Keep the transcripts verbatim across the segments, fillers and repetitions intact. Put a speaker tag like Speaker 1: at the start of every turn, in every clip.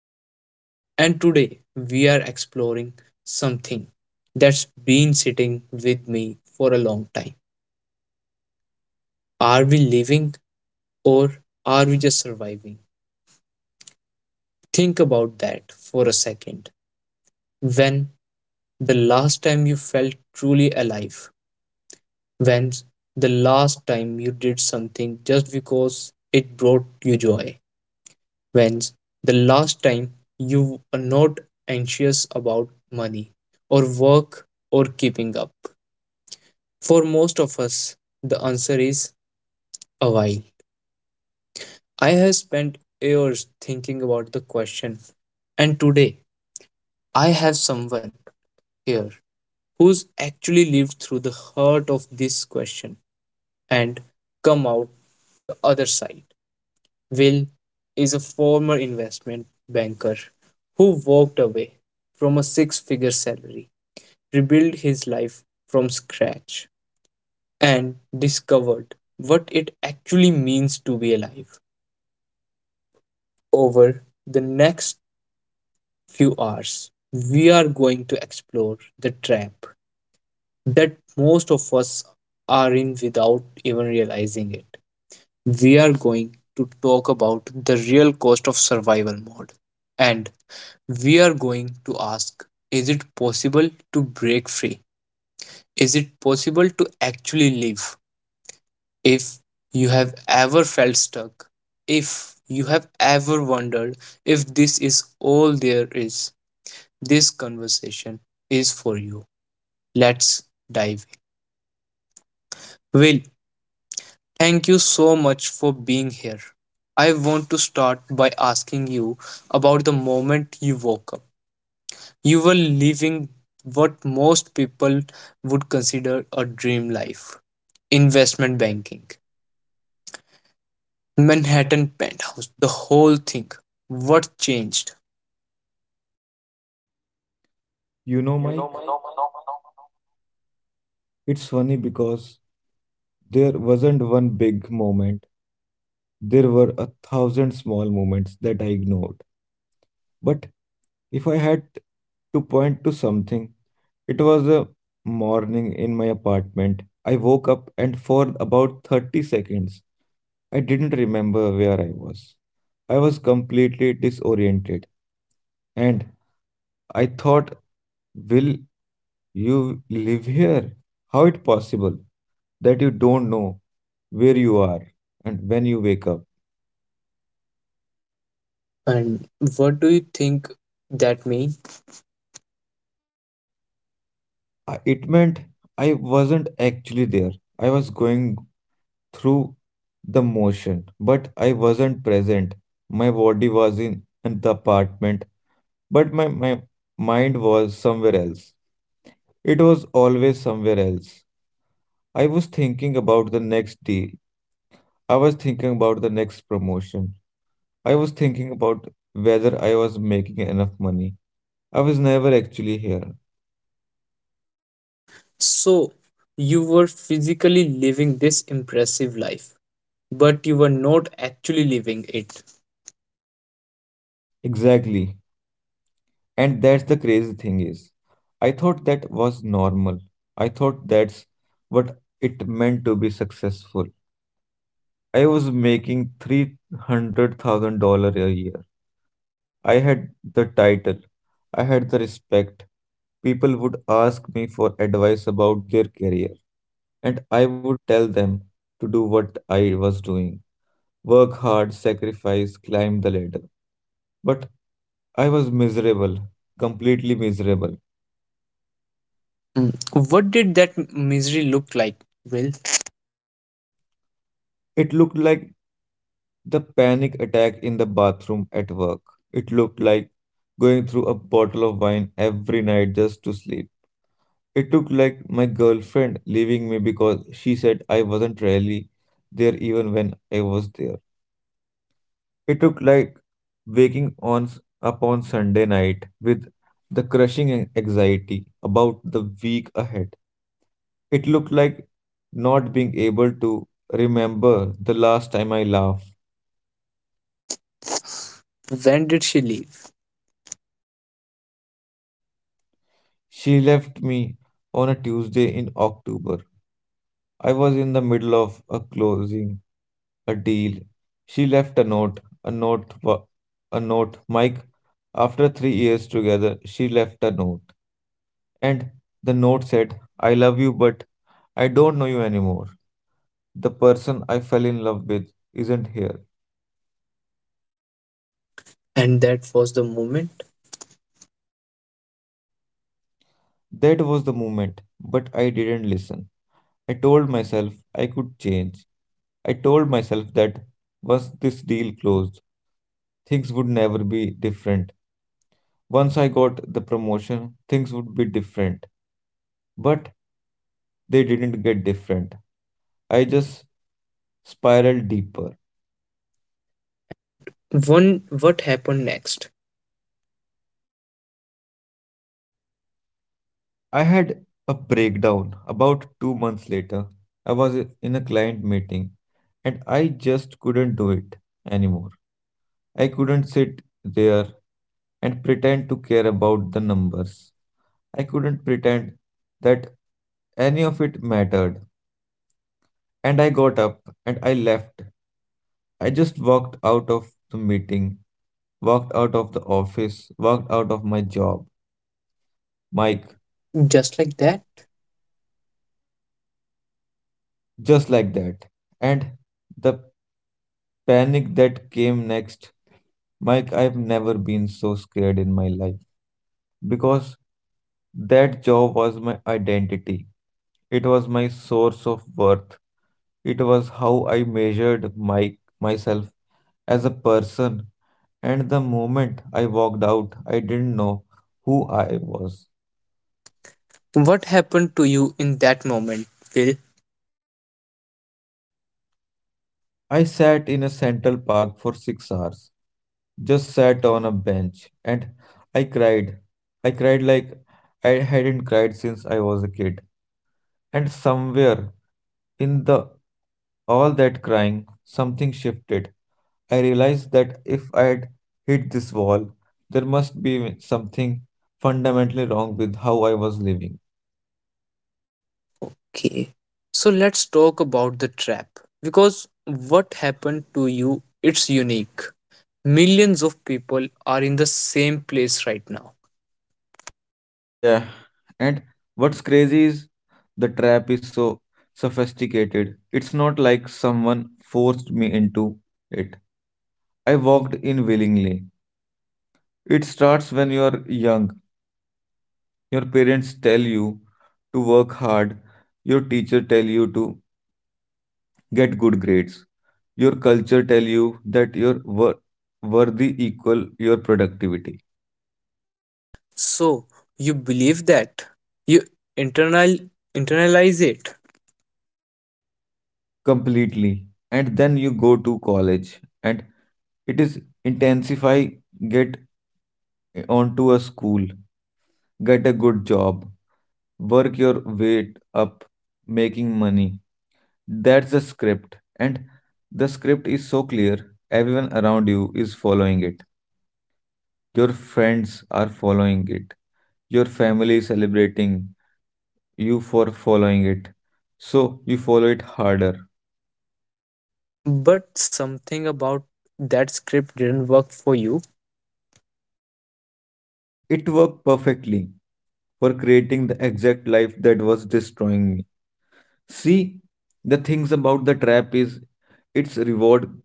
Speaker 1: host, and today we are exploring something that's been sitting with me for a long time. Are we living, or are we just surviving? Think about that for a second. When the last time you felt truly alive? When's the last time you did something just because it brought you joy? When's the last time you are not anxious about money or work or keeping up? For most of us, the answer is a while. I have spent years thinking about the question, and today I have someone here who's actually lived through the heart of this question and come out the other side. Will is a former investment banker who walked away from a six figure salary, rebuilt his life from scratch, and discovered what it actually means to be alive. Over the next few hours, we are going to explore the trap that most of us are in without even realizing it. We are going to talk about the real cost of survival mode, and we are going to ask, is it possible to break free? Is it possible to actually live? If you have ever felt stuck, if you have ever wondered if this is all there is, this conversation is for you. Let's dive in. Will, thank you so much for being here. I want to start by asking you about the moment you woke up. You were living what most people would consider a dream life, investment banking, Manhattan penthouse, the whole thing. What changed?
Speaker 2: You know, Mike, it's funny because there wasn't one big moment. There were a thousand small moments that I ignored. But if I had to point to something, it was a morning in my apartment. I woke up and for about thirty seconds, I didn't remember where I was. I was completely disoriented. And I thought, will you live here? How it possible that you don't know where you are and when you wake up?
Speaker 1: And what do you think that means?
Speaker 2: Uh, It meant I wasn't actually there. I was going through the motion, but I wasn't present. My body was in the apartment, but my, my mind was somewhere else. It was always somewhere else. I was thinking about the next deal, I was thinking about the next promotion. I was thinking about whether I was making enough money. I was never actually here.
Speaker 1: So, you were physically living this impressive life, but you were not actually living it.
Speaker 2: Exactly. And that's the crazy thing is, I thought that was normal. I thought that's what it meant to be successful. I was making three hundred thousand dollars a year. I had the title. I had the respect. People would ask me for advice about their career. And I would tell them to do what I was doing work hard, sacrifice, climb the ladder. But I was miserable, completely miserable.
Speaker 1: Mm. What did that misery look like, Will?
Speaker 2: It looked like the panic attack in the bathroom at work. It looked like going through a bottle of wine every night just to sleep. It looked like my girlfriend leaving me because she said I wasn't really there even when I was there. It took like waking on s- upon Sunday night with the crushing an- anxiety about the week ahead. It looked like not being able to remember the last time I laughed.
Speaker 1: When did she leave?
Speaker 2: She left me on a Tuesday in October. I was in the middle of a closing a deal. She left a note, a note, wa- a note. Mike, after three years together, she left a note. And the note said, I love you, but I don't know you anymore. The person I fell in love with isn't here.
Speaker 1: And that was the moment.
Speaker 2: That was the moment, but I didn't listen. I told myself I could change. I told myself that once this deal closed, things would never be different. Once I got the promotion, things would be different. But they didn't get different. I just spiraled deeper.
Speaker 1: And one, what happened next?
Speaker 2: I had a breakdown about two months later. I was in a client meeting and I just couldn't do it anymore. I couldn't sit there and pretend to care about the numbers. I couldn't pretend that any of it mattered. And I got up and I left. I just walked out of the meeting, walked out of the office, walked out of my job,
Speaker 1: Like
Speaker 2: Mike,
Speaker 1: just like that.
Speaker 2: just like that. And the Panic that came next. Mike, I've never been so scared in my life because that job was my identity. It was my source of worth. It was how I measured my, myself as a person. And the moment I walked out, I didn't know who I was.
Speaker 1: What happened to you in that moment, Will?
Speaker 2: I sat in a Central Park for six hours, just sat on a bench and I cried. I cried like I hadn't cried since I was a kid. And somewhere in the all that crying, something shifted. I realized that if I had hit this wall, there must be something fundamentally wrong with how I was living.
Speaker 1: Okay. So let's talk about the trap because what happened to you it's unique. Millions of people are in the same place right now.
Speaker 2: Yeah, and what's crazy is the trap is so sophisticated. It's not like someone forced me into it. I walked in willingly. It starts when you are young. Your parents tell you to work hard. Your teacher tell you to get good grades. Your culture tell you that your are wor- worthy equal your productivity
Speaker 1: So you believe that you internal internalize it,
Speaker 2: completely. And then you go to college and it is intensify get onto a school, get a good job, work your weight up, making money. That's the script, and the script is so clear. Everyone around you is following it. Your friends are following it. Your family is celebrating you for following it. So you follow it harder.
Speaker 1: but something about that script didn't work for you.
Speaker 2: It worked perfectly for creating the exact life that was destroying me. See, the things about the trap is its reward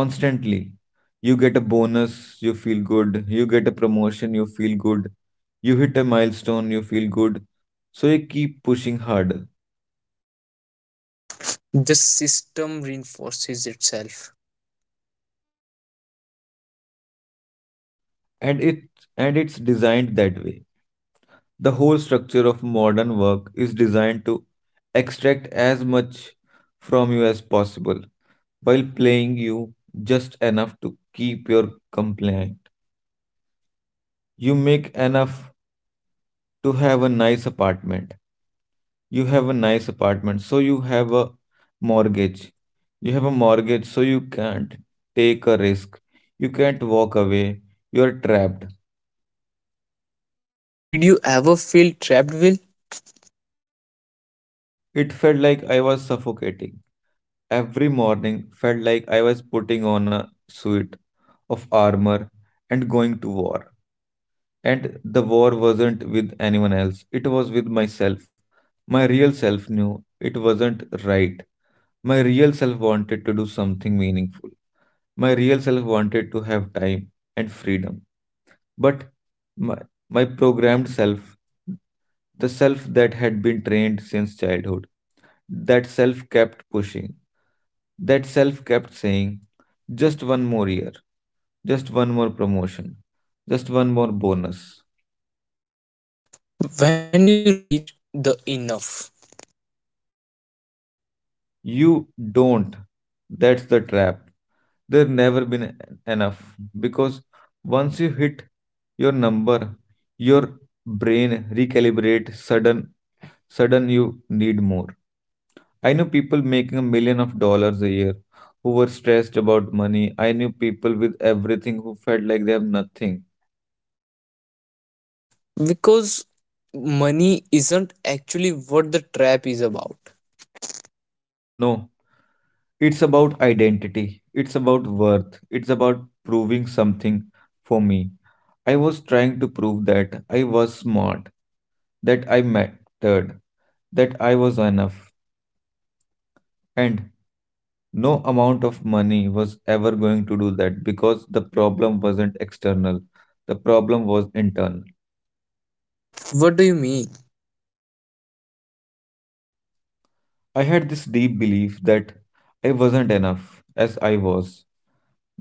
Speaker 2: constantly. You get a bonus, you feel good. You get a promotion, you feel good. You hit a milestone, you feel good. So you keep pushing harder.
Speaker 1: The system reinforces itself.
Speaker 2: And it and it's designed that way. The whole structure of modern work is designed to extract as much from you as possible while playing you just enough to keep your compliant. You make enough to have a nice apartment. You have a nice apartment, so you have a mortgage. You have a mortgage, so you can't take a risk. You can't walk away. You're trapped.
Speaker 1: Did you ever feel trapped, Will?
Speaker 2: It felt like I was suffocating. Every morning felt like I was putting on a suit of armor and going to war. And the war wasn't with anyone else, it was with myself. My real self knew it wasn't right. My real self wanted to do something meaningful. My real self wanted to have time and freedom, but my, my programmed self, the self that had been trained since childhood, that self kept pushing. That self kept saying, just one more year, just one more promotion, just one more bonus.
Speaker 1: When do you reach the enough?
Speaker 2: You don't. That's the trap. There never been en- enough because once you hit your number, your brain recalibrate sudden sudden you need more. I knew people making a million of dollars a year who were stressed about money. I knew people with everything who felt like they have nothing.
Speaker 1: Because money isn't actually what the trap is about.
Speaker 2: No, it's about identity, it's about worth, it's about proving something for me. I was trying to prove that I was smart, that I mattered, that I was enough. And No amount of money was ever going to do that because the problem wasn't external. The problem was internal.
Speaker 1: What do you mean?
Speaker 2: I had this deep belief that I wasn't enough as I was,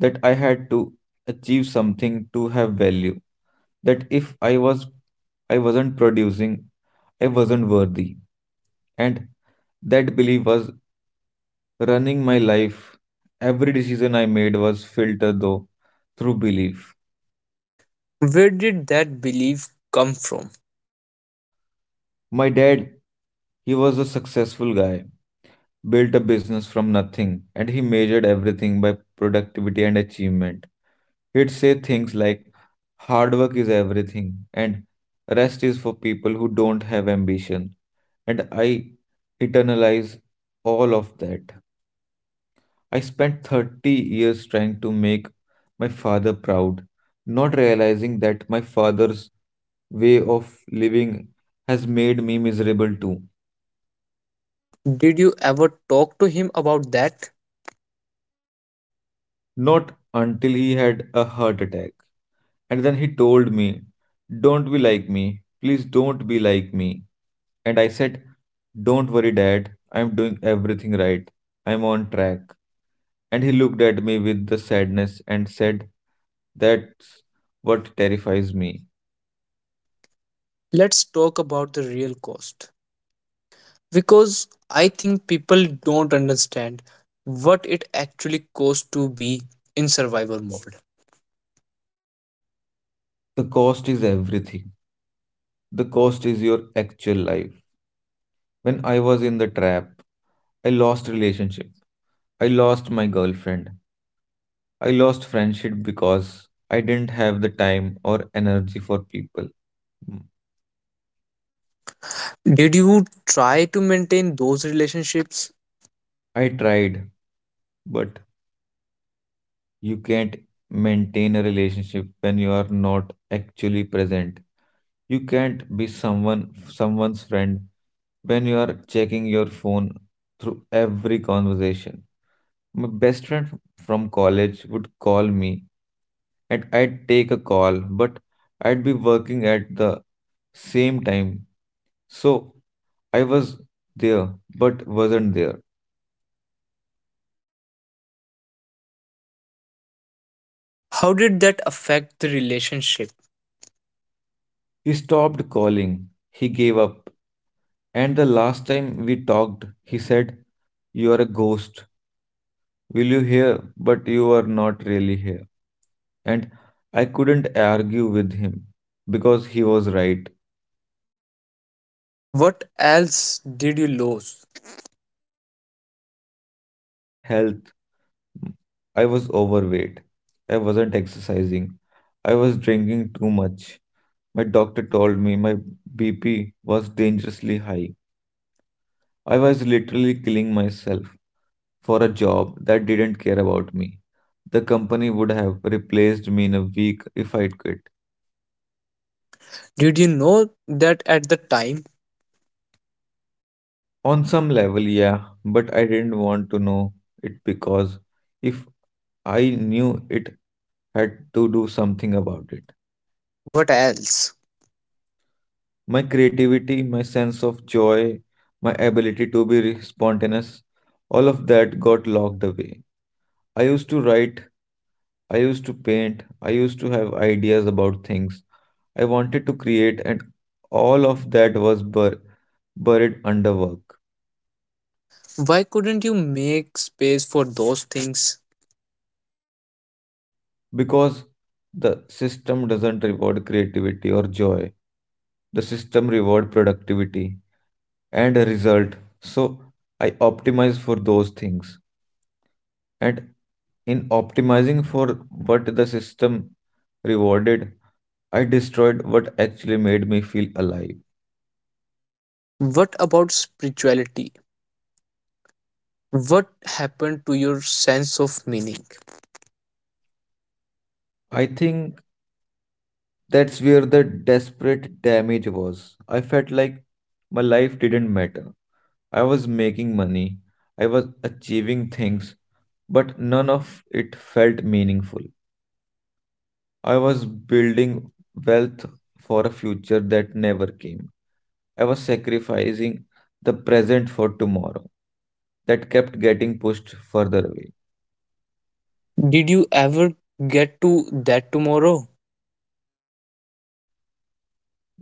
Speaker 2: that I had to achieve something to have value, that if I was I wasn't producing, I wasn't worthy. And that belief was running my life. Every decision I made was filtered though through belief.
Speaker 1: Where did that belief come from?
Speaker 2: My dad, he was a successful guy, built a business from nothing, and he measured everything by productivity and achievement. He'd say things like, hard work is everything, and rest is for people who don't have ambition. And I internalize all of that. I spent thirty years trying to make my father proud, not realizing that my father's way of living has made me miserable too.
Speaker 1: Did you ever talk to him about that?
Speaker 2: Not until he had a heart attack. And then he told me, don't be like me. Please don't be like me. And I said, don't worry, Dad. I'm doing everything right. I'm on track. And he looked at me with the sadness and said, that's what terrifies me.
Speaker 1: Let's talk about the real cost. Because I think people don't understand what it actually costs to be in survival mode.
Speaker 2: The cost is everything. The cost is your actual life. When I was in the trap, I lost relationship. I lost my girlfriend. I lost friendship because I didn't have the time or energy for people. Mm.
Speaker 1: Did you try to maintain those relationships?
Speaker 2: I tried, but you can't maintain a relationship when you are not actually present. You can't be someone someone's friend when you are checking your phone through every conversation. My best friend f- from college would call me and I'd take a call, but I'd be working at the same time. So I was there, but wasn't there.
Speaker 1: How did that affect the relationship?
Speaker 2: He stopped calling. He gave up. And the last time we talked, he said, you are a ghost. Will you hear? But you are not really here. And I couldn't argue with him because he was right.
Speaker 1: What else did you lose?
Speaker 2: My health. I was overweight. I wasn't exercising. I was drinking too much. My doctor told me my B P was dangerously high. I was literally killing myself for a job that didn't care about me. The company would have replaced me in a week if I'd quit.
Speaker 1: Did you know that at the time?
Speaker 2: On some level, yeah, but I didn't want to know it because if I knew it had to do something about it.
Speaker 1: What else?
Speaker 2: My creativity, my sense of joy, my ability to be re- spontaneous, all of that got locked away. I used to write, I used to paint, I used to have ideas about things I wanted to create, and all of that was bur- buried under work
Speaker 1: Why couldn't you make space for those things?
Speaker 2: because the system doesn't reward creativity or joy. The system reward productivity and a result. So I optimize for those things, and in optimizing for what the system rewarded, I destroyed what actually made me feel alive.
Speaker 1: What about spirituality? What happened to your sense of meaning?
Speaker 2: I think that's where the desperate damage was. I felt like my life didn't matter. I was making money, I was achieving things, but none of it felt meaningful. I was building wealth for a future that never came. I was sacrificing the present for tomorrow that kept getting pushed further away.
Speaker 1: Did you ever get to that tomorrow?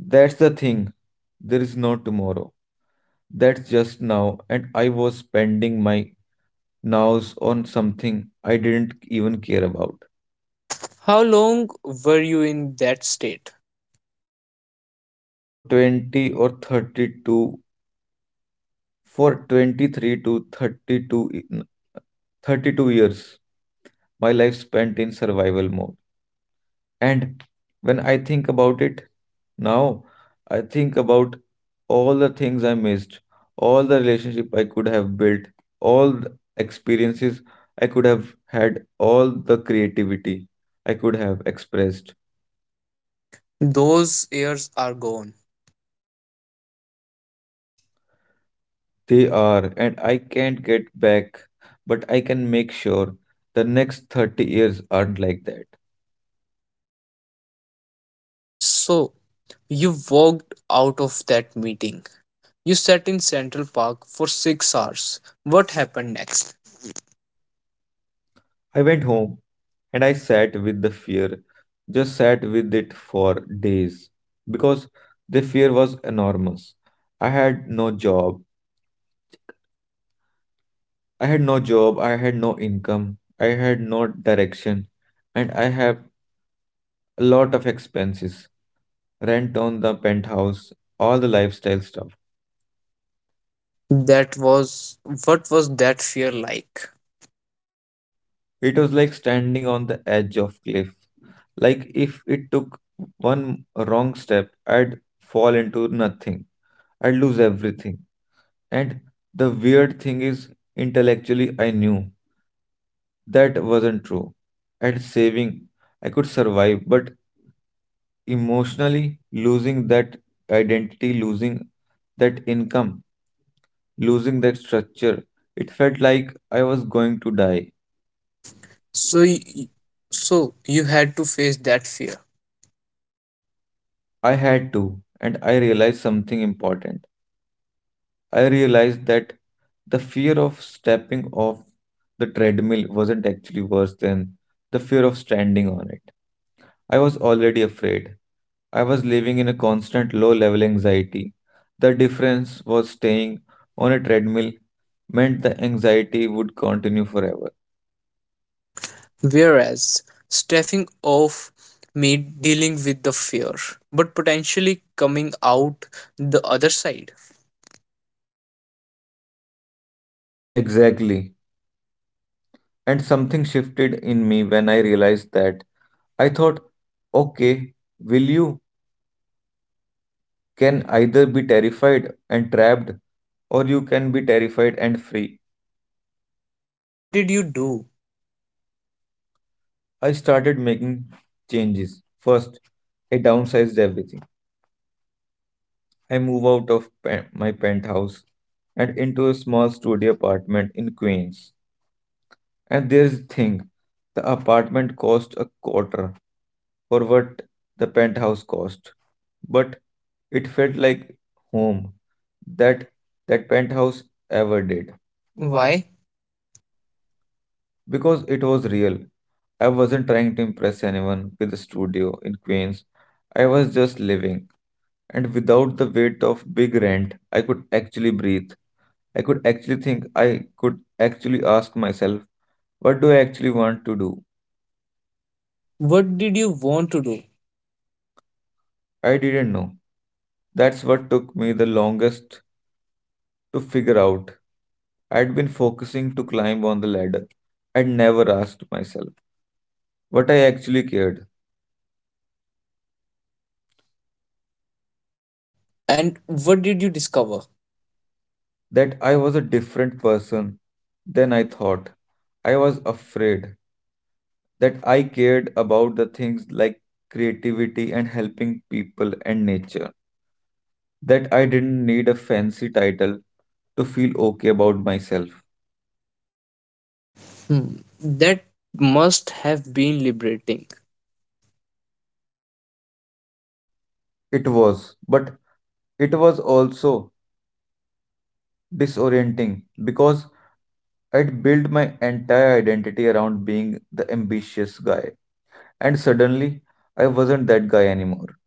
Speaker 2: That's the thing. There is no tomorrow. That's just now, and I was spending my nows on something I didn't even care about.
Speaker 1: How long were you in that state?
Speaker 2: For twenty or thirty-two, for twenty-three to thirty-two, e- n- thirty-two years, my life spent in survival mode. And when I think about it now, I think about all the things I missed, all the relationship I could have built, all the experiences I could have had, all the creativity I could have expressed.
Speaker 1: Those years are gone.
Speaker 2: They are, and I can't get back, but I can make sure the next thirty years aren't like that.
Speaker 1: So, you walked out of that meeting. You sat in Central Park for six hours. What happened next?
Speaker 2: I went home and I sat with the fear, just sat with it for days because the fear was enormous. I had no job, I had no job, I had no income, I had no direction, and I have a lot of expenses, rent on the penthouse, all the lifestyle stuff.
Speaker 1: That was, what was that fear like?
Speaker 2: It was like standing on the edge of cliff. Like if it took one wrong step, I'd fall into nothing. I'd lose everything. And the weird thing is, intellectually, I knew that wasn't true. At saving, I could survive, but emotionally, losing that identity, losing that income, losing that structure, it felt like I was going to die. So
Speaker 1: So,
Speaker 2: y-
Speaker 1: y- so you had to face that fear.
Speaker 2: I had to, and I realized something important. I realized that the fear of stepping off the treadmill wasn't actually worse than the fear of standing on it. I was already afraid. I was living in a constant low level anxiety. The difference was staying on a treadmill meant the anxiety would continue forever.
Speaker 1: Whereas stepping off meant dealing with the fear, but potentially coming out the other side.
Speaker 2: Exactly. And something shifted in me when I realized that. I thought, okay, will you? Can either be terrified and trapped or you can be terrified and free.
Speaker 1: So, what did you do?
Speaker 2: I started making changes. First, I downsized everything. I move out of pe- my penthouse and into a small studio apartment in Queens. And there's the thing, the apartment cost a quarter for what the penthouse cost, but it felt like home that that penthouse ever did.
Speaker 1: Why?
Speaker 2: Because it was real. I wasn't trying to impress anyone with a studio in Queens. I was just living. And without the weight of big rent, I could actually breathe. I could actually think. I could actually ask myself, what do I actually want to do?
Speaker 1: What did you want to do?
Speaker 2: I didn't know. That's what took me the longest to figure out. I'd been focusing to climb on the ladder. I'd never asked myself what I actually cared.
Speaker 1: And what did you discover?
Speaker 2: That I was a different person than I thought. I was afraid that I cared about the things like creativity and helping people and nature, that I didn't need a fancy title to feel okay about myself.
Speaker 1: Hmm. That must have been liberating.
Speaker 2: It was, but it was also disorienting because I'd built my entire identity around being the ambitious guy, and suddenly I wasn't that guy anymore.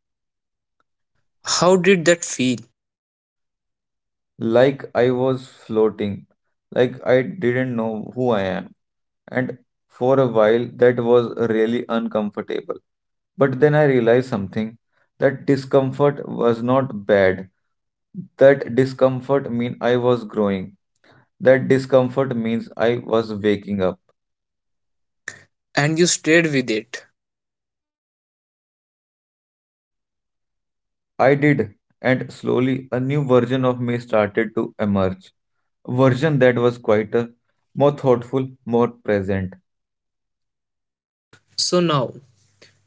Speaker 1: How did that feel?
Speaker 2: Like I was floating, like I didn't know who I am. And for a while, that was really uncomfortable. But then I realized something, that discomfort was not bad. That discomfort mean I was growing. That discomfort means I was waking up.
Speaker 1: And you stayed with it.
Speaker 2: I did, and slowly a new version of me started to emerge. A version that was quieter, more thoughtful, more present.
Speaker 1: So now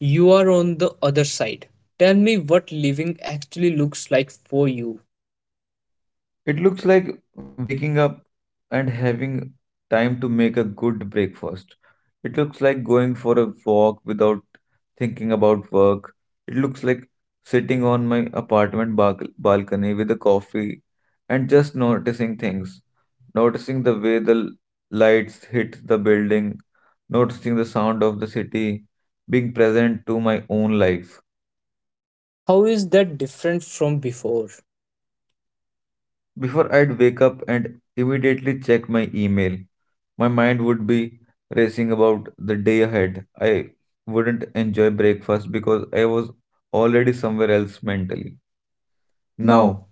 Speaker 1: you are on the other side. Tell me what living actually looks like for you.
Speaker 2: It looks like waking up and having time to make a good breakfast. It looks like going for a walk without thinking about work. It looks like sitting on my apartment balc- balcony with a coffee and just noticing things, noticing the way the l- lights hit the building, noticing the sound of the city, being present to my own life.
Speaker 1: How is that different from before?
Speaker 2: Before I'd wake up and immediately check my email, my mind would be racing about the day ahead. I wouldn't enjoy breakfast because I was already somewhere else mentally.
Speaker 1: Now,
Speaker 2: Now,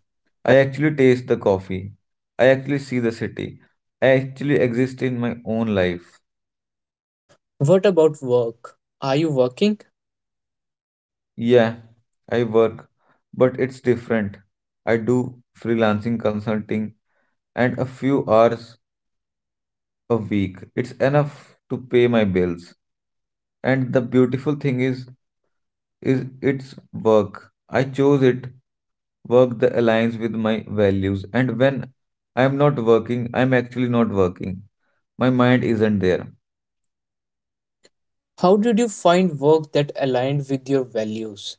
Speaker 2: I actually taste the coffee. I actually see the city. I actually exist in my own life.
Speaker 1: what about work? Are you working?
Speaker 2: Yeah, I work, but it's different. I do freelancing consulting and a few hours a week. It's enough to pay my bills, and the beautiful thing is is its work, I chose it, work that aligns with my values, and when I am not working I am actually not working. My mind isn't there.
Speaker 1: How did you find work that aligned with your values?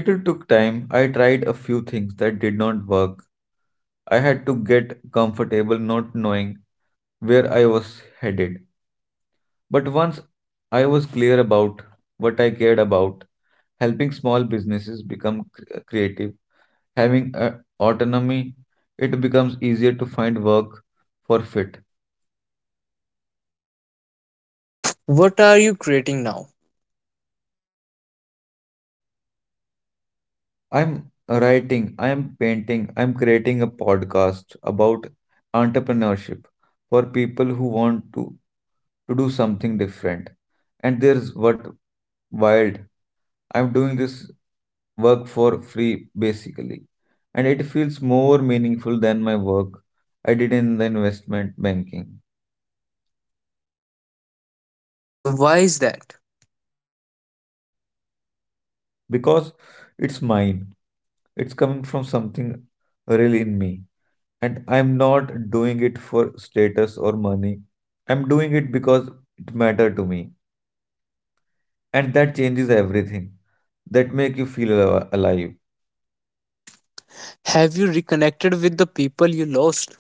Speaker 2: It took time, I tried a few things that did not work. I had to get comfortable not knowing where I was headed, but once I was clear about what I cared about, helping small businesses become cr- creative, having a autonomy, it becomes easier to find work for fit.
Speaker 1: What are you creating now?
Speaker 2: I'm writing, I'm painting, I'm creating a podcast about entrepreneurship for people who want to, to do something different. And there's what wild. I'm doing this work for free basically, and it feels more meaningful than my work I did in the investment banking.
Speaker 1: Why is that?
Speaker 2: Because it's mine. It's coming from something real in me. And I'm not doing it for status or money. I'm doing it because it mattered to me. And that changes everything. That make you feel al- alive.
Speaker 1: Have you reconnected with the people you lost?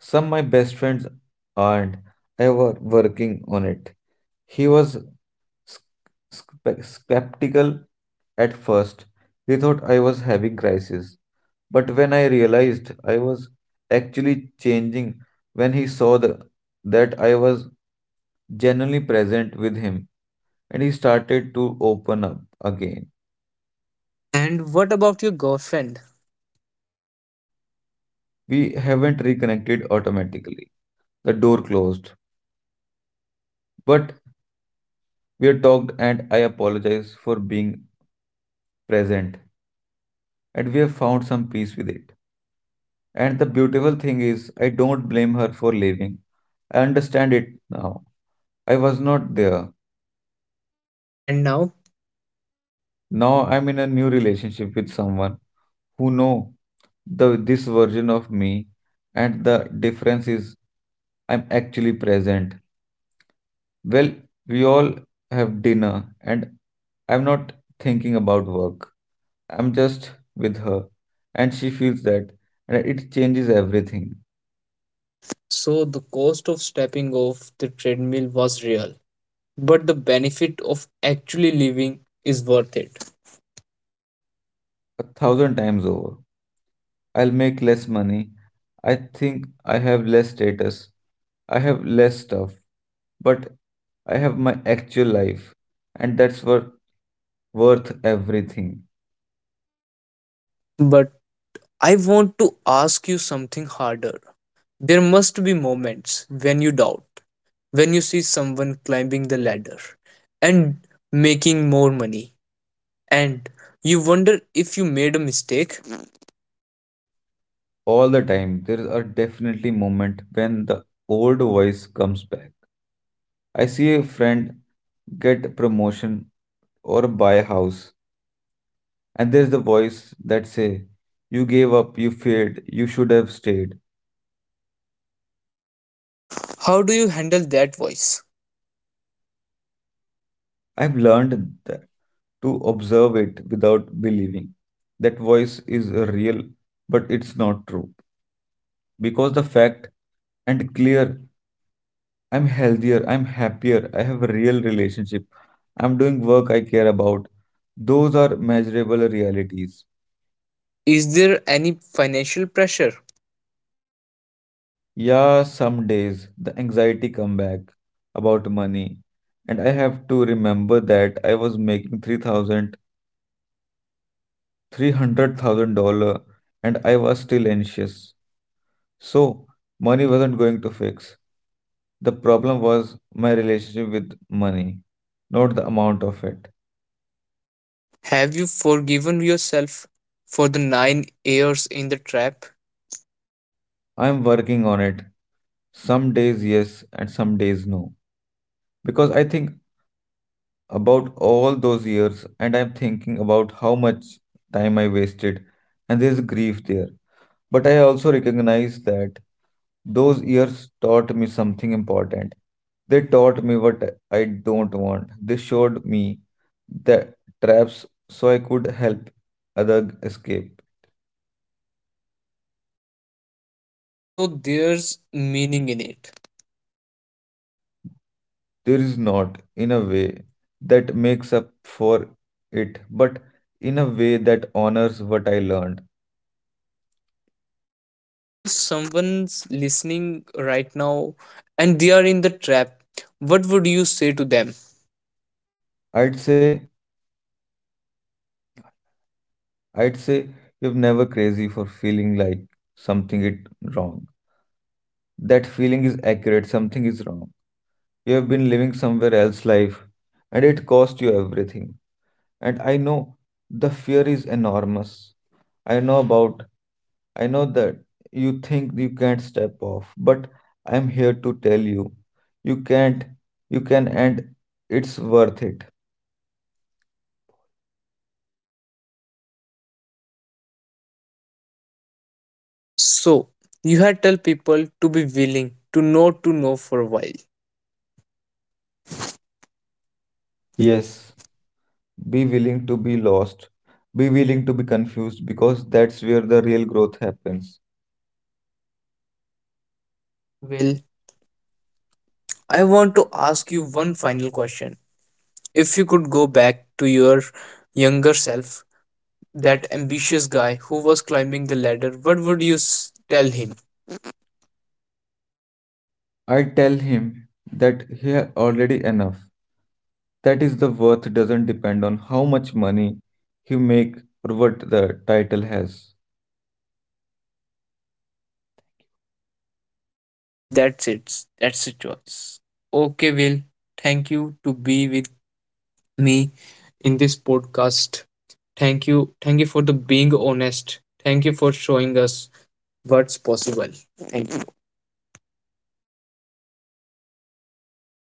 Speaker 2: Some my best friends aren't. Ever working on it. He was sc- sc- skeptical at first. He thought I was having crisis. But when I realized I was actually changing, when he saw the, that I was genuinely present with him, and he started to open up again.
Speaker 1: And what about your girlfriend?
Speaker 2: We haven't reconnected automatically. The door closed, but we have talked, and I apologize for being present, and we have found some peace with it. And the beautiful thing is, I don't blame her for leaving. I understand it now. I was not there.
Speaker 1: And now,
Speaker 2: Now I'm in a new relationship with someone who know the this version of me, and the difference is I'm actually present. Well, we all have dinner and I'm not thinking about work. I'm just with her, and she feels that, and it changes everything
Speaker 1: so the cost of stepping off the treadmill was real, but the benefit of actually living is worth it.
Speaker 2: a thousand times over. I'll make less money. I think I have less status. I have less stuff. But I have my actual life, and that's worth worth everything.
Speaker 1: But I want to ask you something harder. There must be moments when you doubt, when you see someone climbing the ladder and making more money, and you wonder if you made a mistake.
Speaker 2: All the time, there are definitely moment when the old voice comes back. I see a friend get a promotion or buy a house, and there's the voice that say, "You gave up, you failed, you should have stayed."
Speaker 1: How do you handle that voice?
Speaker 2: I've learned that to observe it without believing. That voice is real, but it's not true. Because the fact and clear, I'm healthier, I'm happier, I have a real relationship, I'm doing work I care about. Those are measurable realities.
Speaker 1: Is there any financial pressure?
Speaker 2: Yeah, some days the anxiety come back about money, and I have to remember that I was making three thousand, three hundred thousand dollar, and I was still anxious. So, money wasn't going to fix. The problem was my relationship with money, not the amount of it.
Speaker 1: Have you forgiven yourself for the nine years in the trap?
Speaker 2: I am working on it. Some days yes, and some days no. Because I think about all those years and I'm thinking about how much time I wasted, and there's grief there. But I also recognize that. Those years taught me something important. They taught me what I don't want. They showed me the traps so I could help other escape.
Speaker 1: So there's meaning in it.
Speaker 2: There is not, in a way, that makes up for it, but in a way that honors what I learned.
Speaker 1: If someone's listening right now and they are in the trap, what would you say to them?
Speaker 2: I'd say, I'd say, you're never crazy for feeling like something it wrong. That feeling is accurate, something is wrong. You have been living somewhere else life, and it cost you everything. And I know the fear is enormous. I know about I know that you think you can't step off, but I'm here to tell you you can't you can, and it's worth it.
Speaker 1: So you had tell people to be willing to not to know for a while.
Speaker 2: Yes, be willing to be lost. Be willing to be confused because that's where the real growth happens.
Speaker 1: Well, I want to ask you one final question. If you could go back to your younger self, that ambitious guy who was climbing the ladder, what would you s- tell him?
Speaker 2: I tell him that he had already enough. That is the worth doesn't depend on how much money you make or what the title has.
Speaker 1: That's it. That's the choice. Okay, Will. Thank you to be with me in this podcast. Thank you. Thank you for the being honest. Thank you for showing us what's possible. Thank you.